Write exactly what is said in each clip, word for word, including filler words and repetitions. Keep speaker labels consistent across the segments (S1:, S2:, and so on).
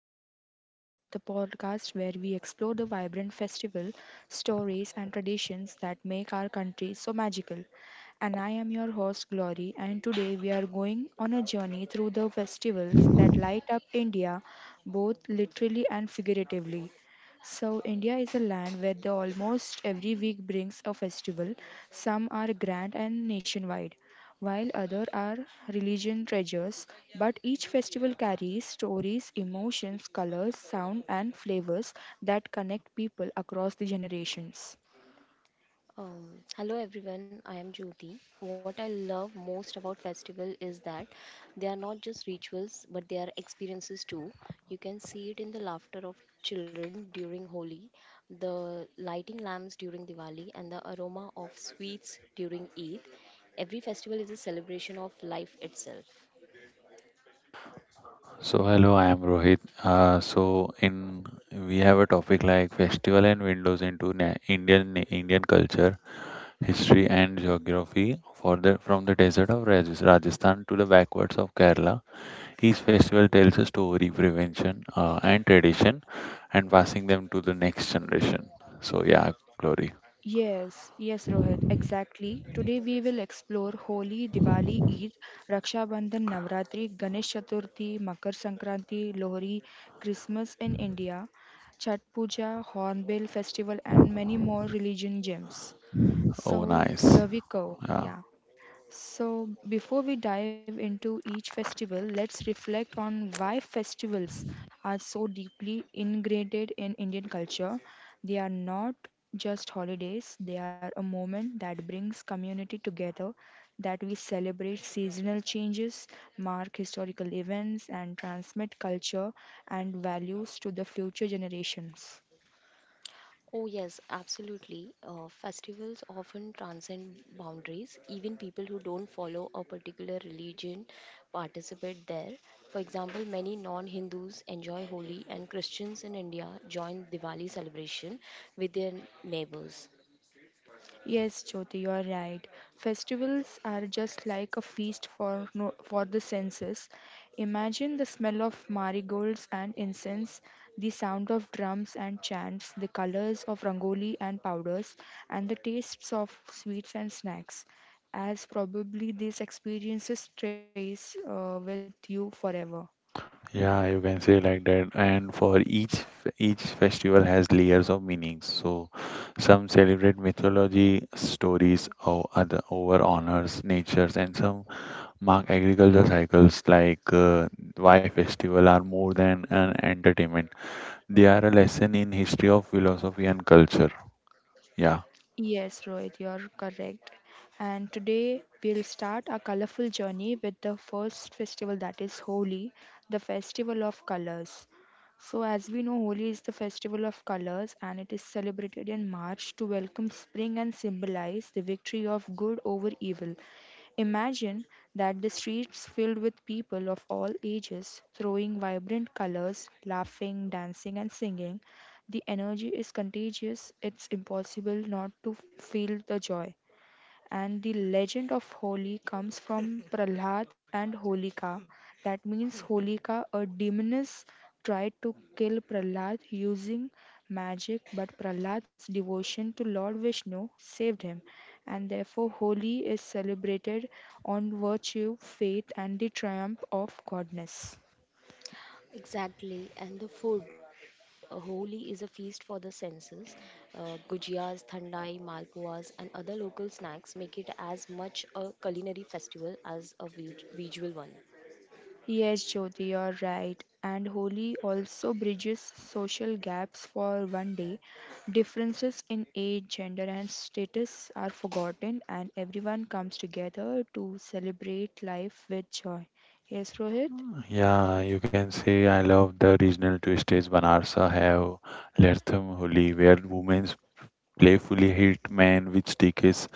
S1: Colors of India, the podcast where we explore the vibrant festival, stories, and traditions that make our country so magical. And I am your host, Glory, and today we are going on a journey through the festivals that light up India, both literally and figuratively. So, India is a land where the almost every week brings a festival. Some are grand and nationwide, while other are religion treasures, but each festival carries stories, emotions, colors, sound and flavors that connect people across the generations.
S2: Um, Hello everyone, I am Jyoti. What I love most about festival is that they are not just rituals but they are experiences too. You can see it in the laughter of children during Holi, the lighting lamps during Diwali and the aroma of sweets during Eid. Every festival is a celebration of life itself.
S3: So hello, I am Rohit. Uh, so in We have a topic like festival and windows into na- Indian Indian culture, history and geography for the from the desert of Raj- Rajasthan to the backwards of Kerala. Each festival tells a story, prevention, uh, and tradition, and passing them to the next generation. So yeah, glory.
S1: Yes, yes, Rohit, exactly. Today we will explore Holi, Diwali, Eid, Raksha Bandhan, Navratri, Ganesh Chaturthi, Makar Sankranti, Lohri, Christmas in India, Chhat Puja, Hornbill Festival, and many more religion gems.
S3: Oh,
S1: So
S3: nice.
S1: here we go.
S3: Yeah.
S1: Yeah. So, before we dive into each festival, let's reflect on why festivals are so deeply ingrained in Indian culture. They are not just holidays, they are a moment that brings community together, that we celebrate seasonal changes, mark historical events, and transmit culture and values to the future generations.
S2: Oh, yes, absolutely. Uh, festivals often transcend boundaries. Even people who don't follow a particular religion participate there. For example, many non Hindus enjoy Holi, and Christians in India join Diwali celebration with their neighbors.
S1: Yes, Jyoti, you are right. Festivals are just like a feast for no, for the senses. Imagine the smell of marigolds and incense, the sound of drums and chants, the colors of rangoli and powders, and the tastes of sweets and snacks. As probably these experiences stays uh, with you forever.
S3: Yeah, you can say like that. And for each f- each festival has layers of meanings. So some celebrate mythology stories or other over honors, natures, and some mark agriculture cycles like uh, why festival are more than an entertainment. They are a lesson in history of philosophy and culture. Yeah.
S1: Yes, Rohit, you're correct. And today we'll start a colorful journey with the first festival that is Holi, the festival of colors. So, as we know, Holi is the festival of colors and it is celebrated in March to welcome spring and symbolize the victory of good over evil. Imagine that the streets filled with people of all ages throwing vibrant colors, laughing, dancing, and singing the energy is contagious, it's impossible not to feel the joy. And the legend of Holi comes from Prahlad and Holika. That means Holika, a demoness, tried to kill Prahlad using magic, but Prahlad's devotion to Lord Vishnu saved him. And therefore, Holi is celebrated on virtue, faith, and the triumph of godness.
S2: Exactly, and the food. uh, Holi is a feast for the senses. Uh, Gujias, thandai, malpuas, and other local snacks make it as much a culinary festival as a vi- visual one.
S1: Yes, Jyoti, you're right. And Holi also bridges social gaps for one day. Differences in age, gender, and status are forgotten, and everyone comes together to celebrate life with joy. Yes, Rohit?
S3: Yeah, you can say I love the regional twists. Banarsa have Lertham Holi, where women playfully hit men with sticks.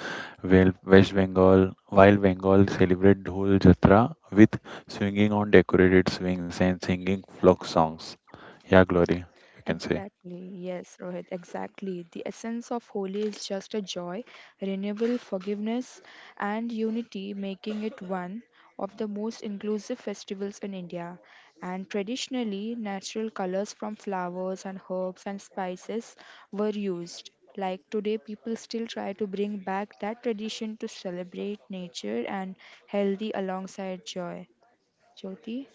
S3: Well, West Bengal, while Bengal celebrate Dhol Jatra with swinging on decorated swings and singing folk songs. Yeah, Glory, you can say.
S1: Exactly, yes, Rohit, exactly. The essence of Holi is just a joy, renewal, forgiveness, and unity, making it one of the most inclusive festivals in India. And traditionally, natural colors from flowers and herbs and spices were used. Like today, people still try to bring back that tradition to celebrate nature and healthy alongside joy. Jyoti,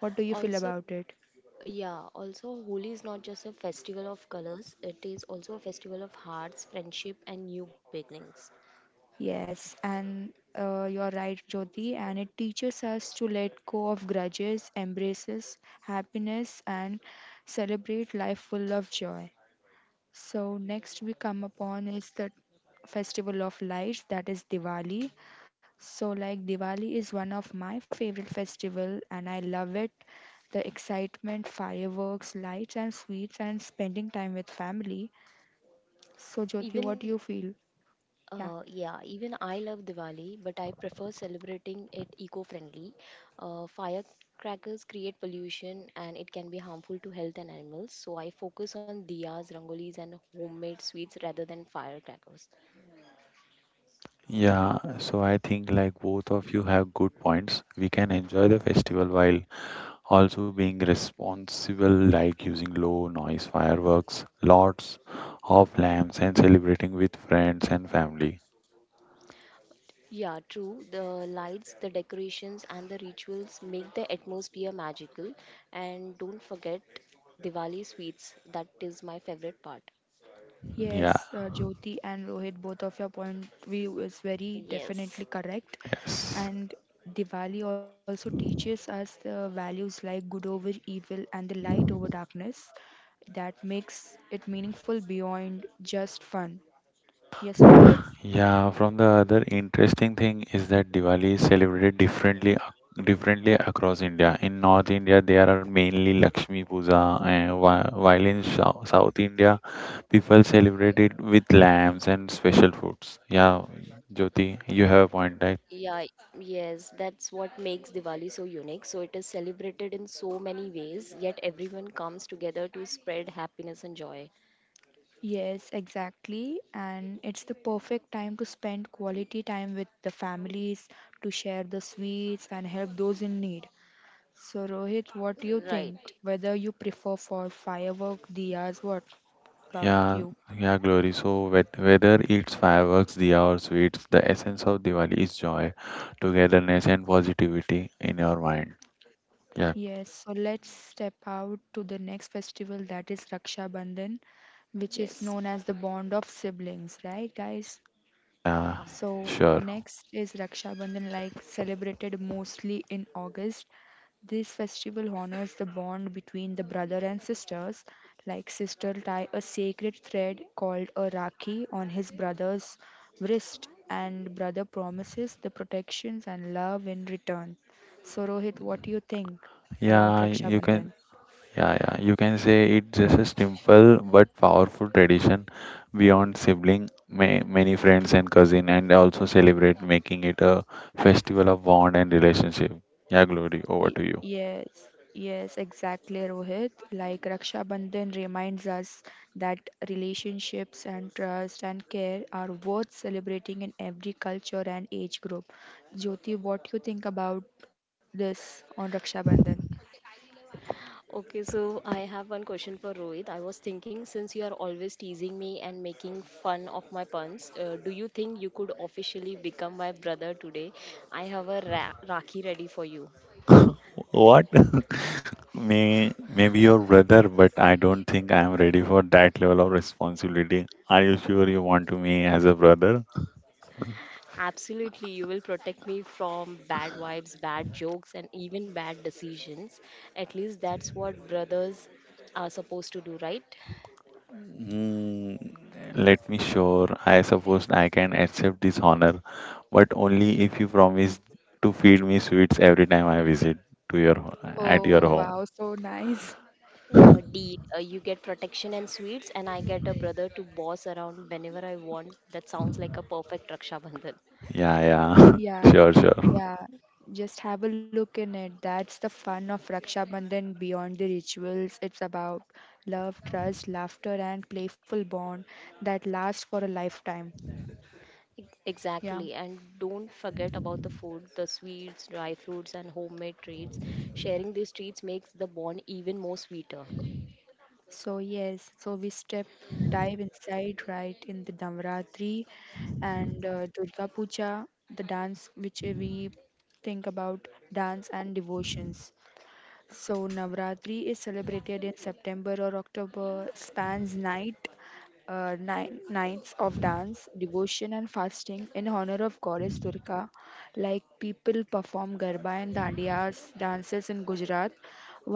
S1: what do you feel
S2: Also,
S1: about it?
S2: Yeah, also Holi is not just a festival of colors, it is also a festival of hearts, friendship and new beginnings.
S1: Yes, and uh, you're right, Jyoti, and it teaches us to let go of grudges, embraces happiness, and celebrate life full of joy. So, next we come upon is the festival of lights, that is Diwali. So, like Diwali is one of my favorite festival, and I love it. The excitement, fireworks, lights, and sweets, and spending time with family. So, Jyoti, what do you
S2: Even
S1: feel? Yeah.
S2: uh, yeah, even I love Diwali, but I prefer celebrating it eco-friendly. Uh, firecrackers create pollution and it can be harmful to health and animals, so I focus on diyas, rangolis and homemade sweets rather than firecrackers.
S3: Yeah, so I think like both of you have good points. We can enjoy the festival while also being responsible, like using low noise fireworks, lots of lamps, and celebrating with friends and family.
S2: Yeah, true. The lights, the decorations, and the rituals make the atmosphere magical. And don't forget Diwali sweets. That is my favorite part.
S3: Yeah,
S1: Yes, uh, Jyoti and Rohit, both of your point view is very definitely
S2: Yes.
S1: correct.
S3: yes.
S1: And Diwali also teaches us the values like good over evil and the light over darkness that makes it meaningful beyond just fun. Yes, Rohit?
S3: Yeah, from the other interesting thing is that Diwali is celebrated differently ac- differently across India. In North India, there are mainly Lakshmi Puja, and whi- while in Sou- South India, people celebrate it with lamps and special foods. Yeah, Jyoti, you have a point, right?
S2: Yeah, yes, that's what makes Diwali so unique. So it is celebrated in so many ways, yet everyone comes together to spread happiness and joy.
S1: Yes, exactly. And it's the perfect time to spend quality time with the families, to share the sweets and help those in need. So Rohit, what do you think?
S2: Right.
S1: Whether you prefer for firework, diyas, what about
S3: Yeah,
S1: you?
S3: yeah, Glory. So whet- whether it's fireworks, diya, or sweets, the essence of Diwali is joy, togetherness, and positivity in your mind. Yeah,
S1: Yes, so let's step out to the next festival that is Raksha Bandhan, which is
S2: Yes.
S1: known as the bond of siblings, right guys?
S3: yeah,
S2: Yeah.
S1: So,
S3: sure.
S1: next is Raksha Bandhan, like celebrated mostly in August. This festival honors the bond between the brother and sisters. Like sister tie a sacred thread called a rakhi on his brother's wrist, and brother promises the protections and love in return. So Rohit, what do you think about
S3: Yeah,
S1: Raksha
S3: you can.
S1: Bandhan?
S3: Yeah, yeah. You can say it's just a simple but powerful tradition beyond sibling, may, many friends and cousin, and also celebrate making it a festival of bond and relationship. Yeah, Glory, over
S1: Y-
S3: to you.
S1: yes, yes, exactly, Rohit. Like Raksha Bandhan reminds us that relationships and trust and care are worth celebrating in every culture and age group. Jyoti, what you think about this on Raksha Bandhan?
S2: Okay, so I have one question for Rohit. I was thinking, since you are always teasing me and making fun of my puns, uh, do you think you could officially become my brother today? I have a ra- Rakhi ready for you.
S3: What? May maybe your brother, but I don't think I am ready for that level of responsibility. Are you sure you want to me as a brother?
S2: Absolutely, you will protect me from bad vibes, bad jokes, and even bad decisions. At least that's what brothers are supposed to do, right?
S3: Mm, let me sure. I suppose I can accept this honor, but only if you promise to feed me sweets every time I visit to your ho- at your
S1: Oh
S3: home.
S1: wow, so nice.
S2: Uh, D, uh, you get protection and sweets, and I get a brother to boss around whenever I want. That sounds like a perfect Raksha Bandhan.
S3: Yeah, yeah.
S1: Yeah,
S3: Sure, sure.
S1: yeah. Just have a look in it. That's the fun of Raksha Bandhan beyond the rituals. It's about love, trust, laughter, and playful bond that lasts for a lifetime.
S2: E-
S1: Yeah.
S2: Exactly, and don't forget about the food, the sweets, dry fruits, and homemade treats. Sharing these treats makes the bond even more sweeter.
S1: So yes, so we step dive inside right in the Navratri and uh, Durga Puja, the dance which we think about dance and devotions. So Navratri is celebrated in September or October, spans nine uh, nine, nights of dance, devotion, and fasting in honor of goddess Durga. Like people perform garba and dandiyas dances in Gujarat,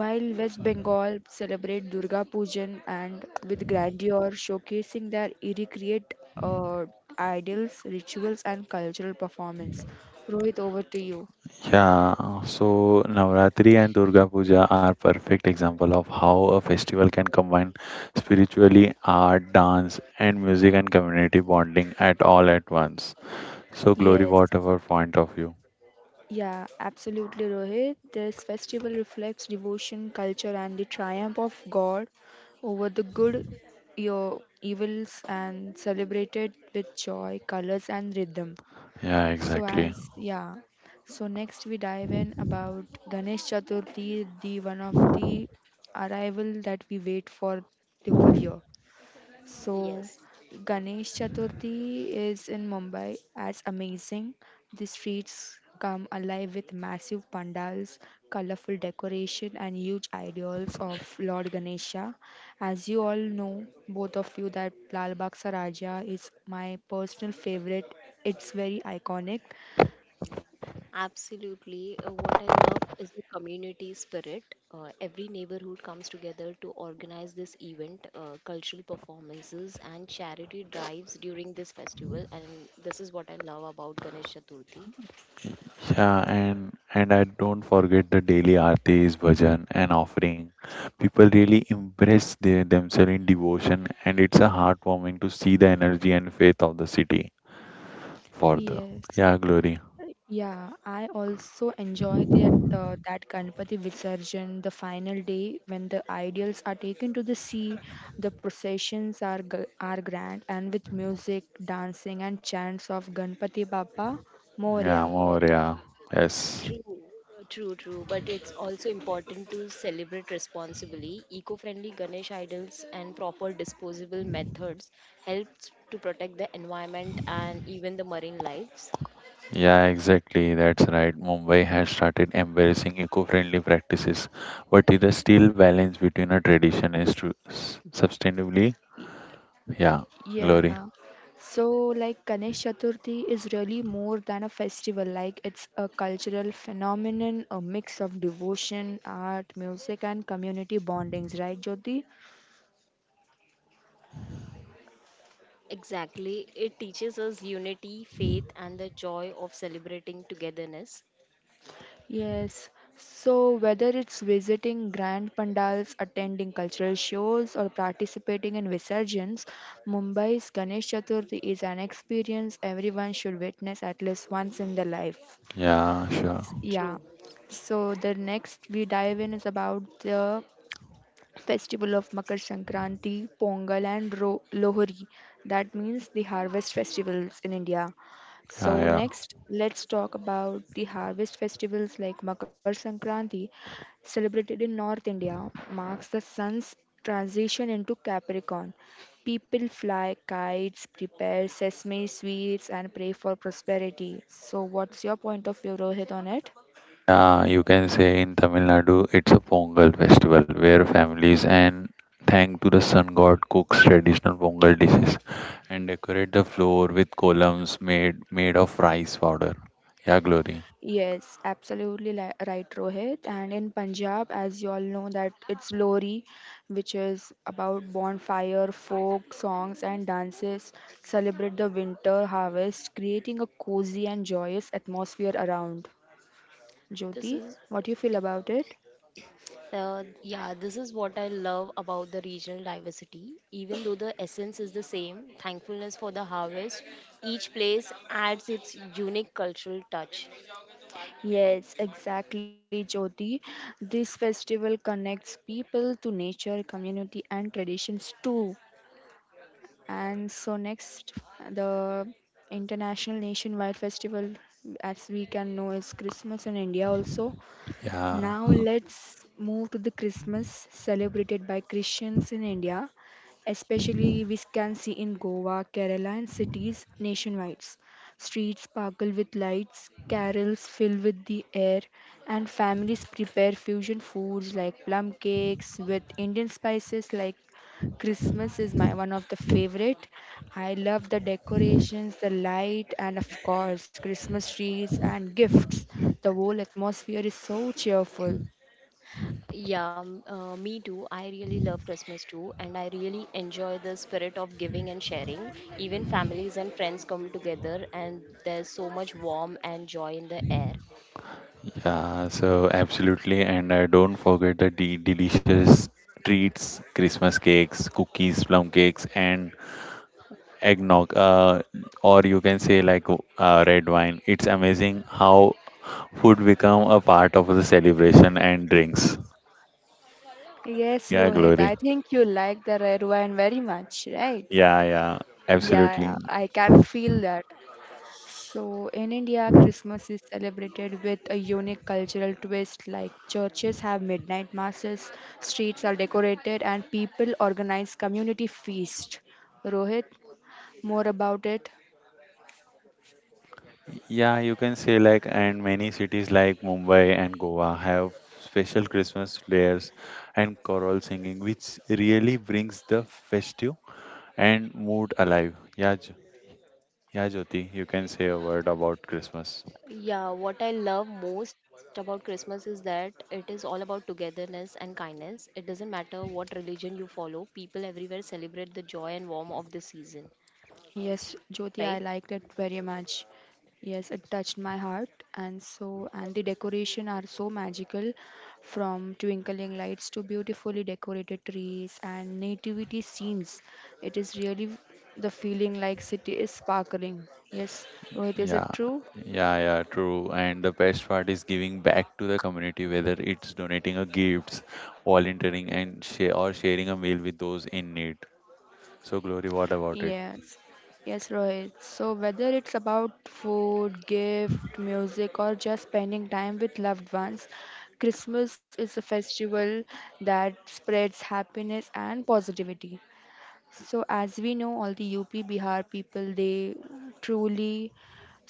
S1: while West Bengal celebrate Durga Pujan and with grandeur, showcasing their irrecreate uh, ideals, rituals, and cultural performance. Rohit, over to you.
S3: Yeah, so Navratri and Durga Puja are perfect example of how a festival can combine spiritually art, dance, and music and community bonding at all at once. So, Glory,
S1: Yes.
S3: what our point of view?
S1: Yeah, absolutely, Rohit. This festival reflects devotion, culture, and the triumph of God over the good, your evils, and celebrated with joy, colors, and rhythm.
S3: Yeah,
S1: So,
S3: exactly.
S1: as yeah, so next we dive in about Ganesh Chaturthi, the one of the arrival that we wait for the whole year. So,
S2: Yes,
S1: Ganesh Chaturthi is in Mumbai as amazing. The streets come alive with massive pandals, colorful decoration, and huge ideals of Lord Ganesha. As you all know, both of you, that Lal Bagh Saraja is my personal favorite. It's very iconic.
S2: absolutely. Uh, what I love is the community spirit. Uh, every neighborhood comes together to organize this event, uh, cultural performances, and charity drives during this festival. And this is what I love about Ganesh Chaturthi.
S3: Yeah, and and I don't forget the daily aartis, bhajan, and offering. People really impress their, themselves in devotion, and it's a heartwarming to see the energy and faith of the city for the
S1: Yes.
S3: yeah glory.
S1: Yeah, I also enjoy that uh, that Ganpati Visarjan, the final day when the idols are taken to the sea. The processions are g- are grand and with music, dancing, and chants of Ganpati Bappa
S3: Yeah,
S1: Moria.
S3: more yeah, yes,
S2: True, true, True. But it's also important to celebrate responsibly. Eco friendly Ganesh idols and proper disposable methods helps to protect the environment and even the marine lives.
S3: yeah, exactly. That's right. Mumbai has started embracing eco-friendly practices, but it is still balance between a tradition is to s- sustainably.
S1: Y-
S3: Yeah, glory.
S1: Yeah. So like Ganesh Chaturthi is really more than a festival. Like it's a cultural phenomenon, a mix of devotion, art, music, and community bondings. Right, Jyoti?
S2: Exactly. It teaches us unity, faith, and the joy of celebrating togetherness.
S1: Yes. So whether it's visiting grand pandals, attending cultural shows, or participating in visarjans, Mumbai's Ganesh Chaturthi is an experience everyone should witness at least once in their life.
S3: Yeah, sure.
S1: Yeah.
S2: True.
S1: So the next we dive in is about the festival of Makar Sankranti, Pongal, and Ro- Lohri. That means the harvest festivals in India.
S3: Yeah,
S1: So,
S3: yeah.
S1: next, let's talk about the harvest festivals like Makar Sankranti, celebrated in North India, marks the sun's transition into Capricorn. People fly kites, prepare sesame sweets, and pray for prosperity. So, what's your point of view, Rohit, on it?
S3: Yeah, you can say in Tamil Nadu, it's a Pongal festival where families and thank to the sun god cooks traditional Pongal dishes and decorate the floor with columns made made of rice powder. Yeah, Glory.
S1: Yes, absolutely li- right, Rohit. And in Punjab, as you all know, that it's Lori, which is about bonfire, folk songs, and dances. Celebrate the winter harvest, creating a cozy and joyous atmosphere around.
S2: This
S1: Jyoti,
S2: is
S1: what do you feel about it?
S2: Uh, yeah, this is what I love about the regional diversity. Even though the essence is the same, thankfulness for the harvest, each place adds its unique cultural touch.
S1: Yes, exactly, Jyoti. This festival connects people to nature, community, and traditions too. And so next, the international nationwide festival, as we can know, is Christmas in India also.
S3: Yeah,
S1: Now let's move to the Christmas celebrated by Christians in India, especially we can see in Goa, Kerala, and cities nationwide. Streets sparkle with lights, carols fill with the air, and families prepare fusion foods like plum cakes with Indian spices like Christmas is my one of the favorite. I love the decorations, the light, and of course, Christmas trees and gifts. The whole atmosphere is so cheerful.
S2: Yeah, m- uh, me too. I really love Christmas too, and I really enjoy the spirit of giving and sharing. Even families and friends come together, and there's so much warmth and joy in the air.
S3: yeah. So absolutely, and uh, don't forget the de- delicious treats, Christmas cakes, cookies, plum cakes, and eggnog. Uh, or you can say like uh, red wine. It's amazing how food become a part of the celebration and drinks.
S1: Yes,
S3: Yeah,
S1: Rohit,
S3: Glory.
S1: I think you like the red wine very much, right?
S3: Yeah, yeah, absolutely.
S1: Yeah, I can feel that. So, in India, Christmas is celebrated with a unique cultural twist like churches have midnight masses, streets are decorated, and people organize community feast. Rohit? More about it.
S3: Yeah, you can say like, and many cities like Mumbai and Goa have special Christmas flares and choral singing, which really brings the festive and mood alive. Yeah, Jo- yeah, Jyoti, you can say a word about Christmas.
S2: Yeah, what I love most about Christmas is that it is all about togetherness and kindness. It doesn't matter what religion you follow, people everywhere celebrate the joy and warmth of the season,
S1: Yes, Jyoti, I
S2: right?
S1: liked it very much. Yes, it touched my heart, and so and the decoration are so magical, from twinkling lights to beautifully decorated trees and nativity scenes. It is really the feeling like city is sparkling. Yes, Rohit, is
S3: Yeah,
S1: it true?
S3: yeah, yeah, true. And the best part is giving back to the community, whether it's donating a gifts, volunteering, and share or sharing a meal with those in need. So, Glory, what about it?
S1: Yes, yes, Rohit. So, whether it's about food, gift, music, or just spending time with loved ones, Christmas is a festival that spreads happiness and positivity. So, as we know, all the U P Bihar people they truly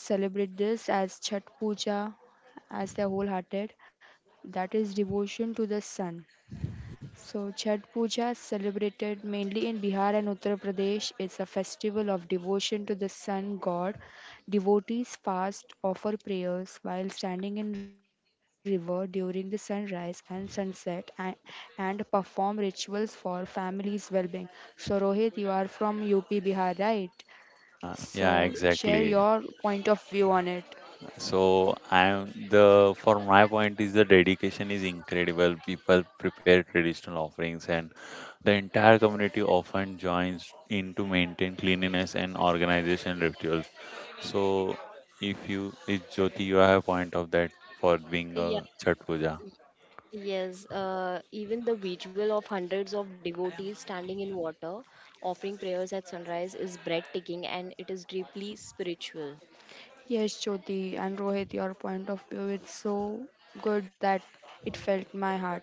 S1: celebrate this as Chhat Puja, as their wholehearted. That is devotion to the sun. So, Chhat Puja, is celebrated mainly in Bihar and Uttar Pradesh, is a festival of devotion to the sun god. Devotees fast, offer prayers while standing in river during the sunrise and sunset, and, and perform rituals for families' well-being. So, Rohit, you are from U P Bihar, right?
S3: Uh,
S1: So,
S3: yeah,
S1: share your
S3: exactly.
S1: point of view on it.
S3: So I'm the for my point is the dedication is incredible. People prepare traditional offerings and the entire community often joins in to maintain cleanliness and organization rituals. So if you if Jyoti you have a point of that for being
S2: Yeah,
S3: a Chhat Puja.
S2: yes. Uh, even the visual of hundreds of devotees standing in water, offering prayers at sunrise, is breathtaking and it is deeply spiritual.
S1: Yes, Jyoti and Rohit, your point of view is so good that it felt my heart.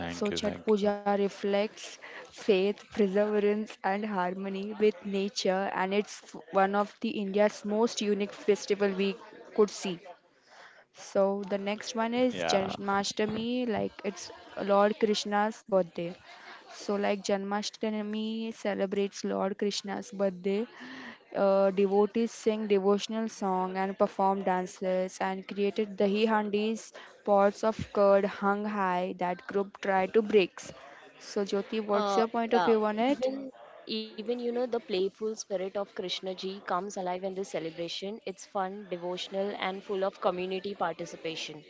S1: So,
S3: you,
S1: Chat
S3: thank you.
S1: Puja reflects faith, perseverance, and harmony with nature, and it's f- one of the India's most unique festival we could see. So the next one is
S3: Yeah.
S1: Janmashtami, like it's Lord Krishna's birthday. So like Janmashtami celebrates Lord Krishna's birthday. Uh, devotees sing devotional song and perform dances and created dahi handis, pots of curd hung high that group tried to breaks. So Jyoti, what's
S2: Uh,
S1: your point of
S2: yeah,
S1: view on it?
S2: even even you know the playful spirit of Krishna ji comes alive in this celebration. It's fun, devotional, and full of community participation.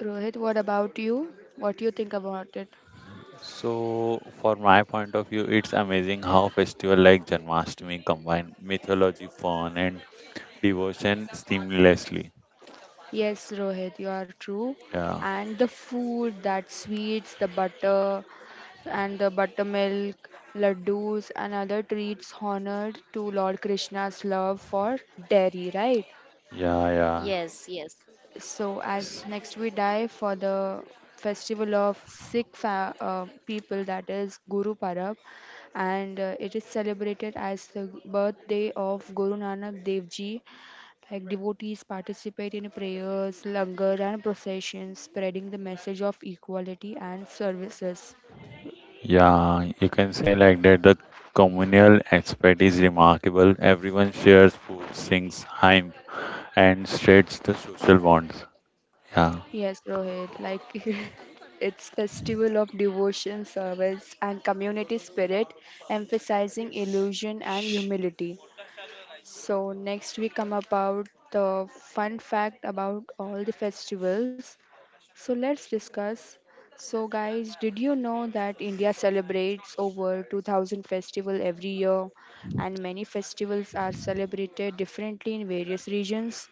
S1: Rohit, what about you? What do you think about it?
S3: So for my point of view, it's amazing how festival like Janmashtami combine mythology, fun and devotion seamlessly.
S1: Yes, Rohit, you are true.
S3: Yeah,
S1: And the food, that sweets, the butter, and the buttermilk, laddus, and other treats honored to Lord Krishna's love for dairy, right?
S3: yeah, yeah,
S2: Yes, yes.
S1: So, as next we dive for the festival of Sikh fa- uh, people, that is Guru Parab, and uh, it is celebrated as the birthday of Guru Nanak Dev Ji. Like devotees participate in prayers, langar, and processions, spreading the message of equality and services.
S3: yeah. You can say like that. The communal aspect is remarkable. Everyone shares food, sings hymn, and strains the social bonds. Yeah,
S1: Yes, Rohit, like it's festival of devotion, service, and community spirit, emphasizing illusion and humility. So next we come about the fun fact about all the festivals. So let's discuss. So guys, did you know that India celebrates over two thousand festival every year and many festivals are celebrated differently in various regions?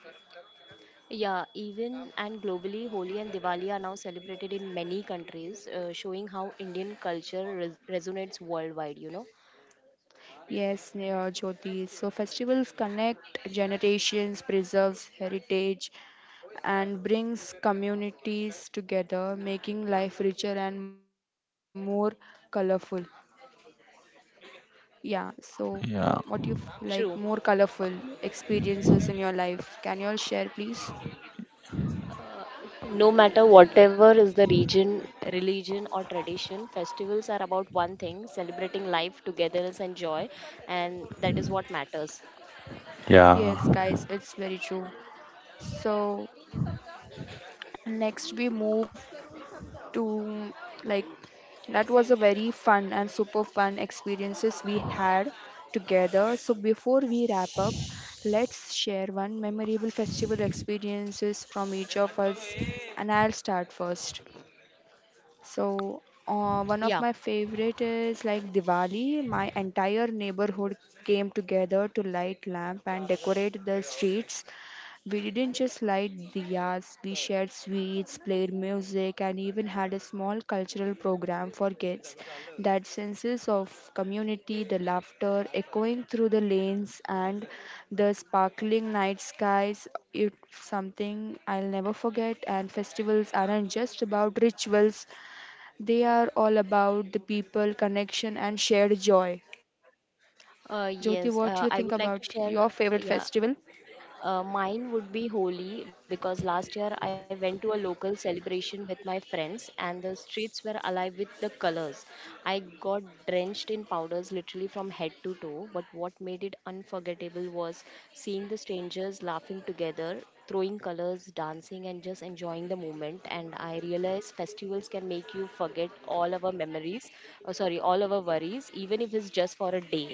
S2: Yeah, even and globally, Holi and Diwali are now celebrated in many countries, uh, showing how Indian culture res resonates worldwide, you know.
S1: Yes, Neha, Jyoti. So festivals connect generations, preserves heritage and brings communities together, making life richer and more colorful. Yeah, so what do you
S3: yeah,
S1: f- like more
S2: True.
S1: colorful experiences in your life? Can you all share, please?
S2: No matter whatever is the region, religion, or tradition, festivals are about one thing celebrating life, togetherness, and joy, and that is what matters.
S1: Yes,
S3: yeah.
S1: guys, it's very true. So, next we move to like that was a very fun and super fun experiences we had together. So, before we wrap up, let's share one memorable festival experiences from each of us, and I'll start first. So, uh, one
S2: Yeah.
S1: of my favorite is like Diwali. My entire neighborhood came together to light lamp and decorate the streets. We didn't just light diyas, we shared sweets, played music, and even had a small cultural program for kids. That senses of community, the laughter echoing through the lanes, and the sparkling night skies, it's something I'll never forget. And festivals aren't just about rituals, they are all about the people, connection, and shared joy. Jyoti, what do you think
S2: Uh,
S1: about
S2: yes, uh,
S1: your
S2: I would
S1: favorite
S2: like to share.
S1: festival?
S2: Yeah. Uh, mine would be Holi because last year I went to a local celebration with my friends and the streets were alive with the colors. I got drenched in powders literally from head to toe, but what made it unforgettable was seeing the strangers laughing together, throwing colors, dancing, and just enjoying the moment. And I realized festivals can make you forget all our memories, uh, sorry, all our worries, even if it's just for a day.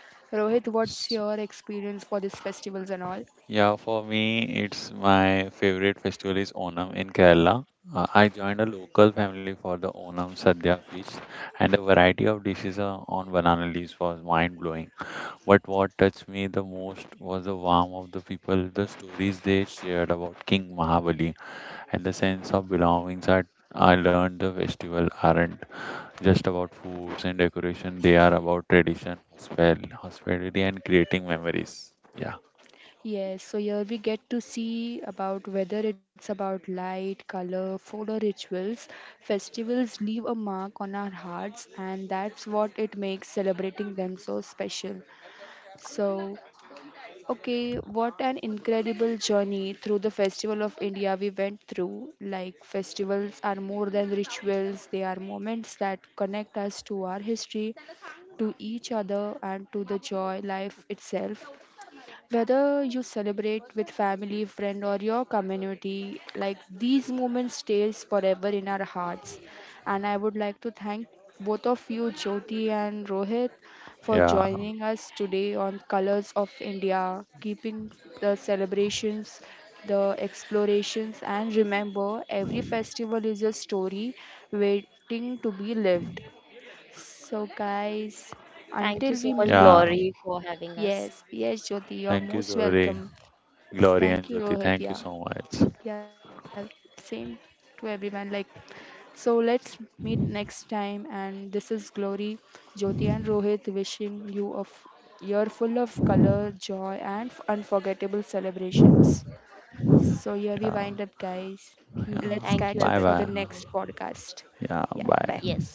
S1: Rohit, what's your
S3: S-
S1: experience for these festivals and all?
S3: Yeah, for me, it's my favorite festival is Onam in Kerala. Uh, I joined a local family for the Onam Sadhya feast, and the variety of dishes uh, on banana leaves was mind blowing. But what touched me the most was the warmth of the people, the stories they shared about King Mahabali, and the sense of belonging that I learned the festival aren't just about foods and decoration, they are about tradition, hospel- hospitality, and creating memories. Yeah,
S1: Yes, so here we get to see about whether it's about light, color, food, or rituals. Festivals leave a mark on our hearts, and that's what it makes celebrating them so special. So, okay, what an incredible journey through the Festival of India we went through. Like, festivals are more than rituals, they are moments that connect us to our history, to each other, and to the joy life itself. Whether you celebrate with family, friend, or your community, like these moments stays forever in our hearts. And I would like to thank both of you, Jyoti and Rohit, for
S3: yeah,
S1: joining us today on Colors of India, keeping the celebrations, the explorations, and remember, every festival is a story waiting to be lived. So, guys,
S2: Thank you
S1: until
S2: so
S1: we
S2: much,
S1: meet,
S3: yeah.
S2: Glory, for having us.
S1: yes, yes, Jyoti, you're
S3: Thank you,
S1: most
S3: Glory,
S1: welcome.
S3: Glory, and
S1: Thank you,
S3: Jyoti.
S1: Rohit.
S3: Thank you
S1: Yeah,
S3: so much.
S1: yeah, same to everyone. Like, so let's meet next time. And this is Glory, Jyoti, and Rohit wishing you a f- year full of color, joy, and f- unforgettable celebrations. So, here we
S3: Yeah,
S1: wind up, guys.
S3: yeah.
S1: Let's
S2: Thank
S1: catch
S2: you,
S1: up
S3: Bye
S1: for the
S3: bye.
S2: everyone.
S1: next podcast.
S3: Yeah,
S1: Yeah, bye.
S3: bye.
S2: Yes.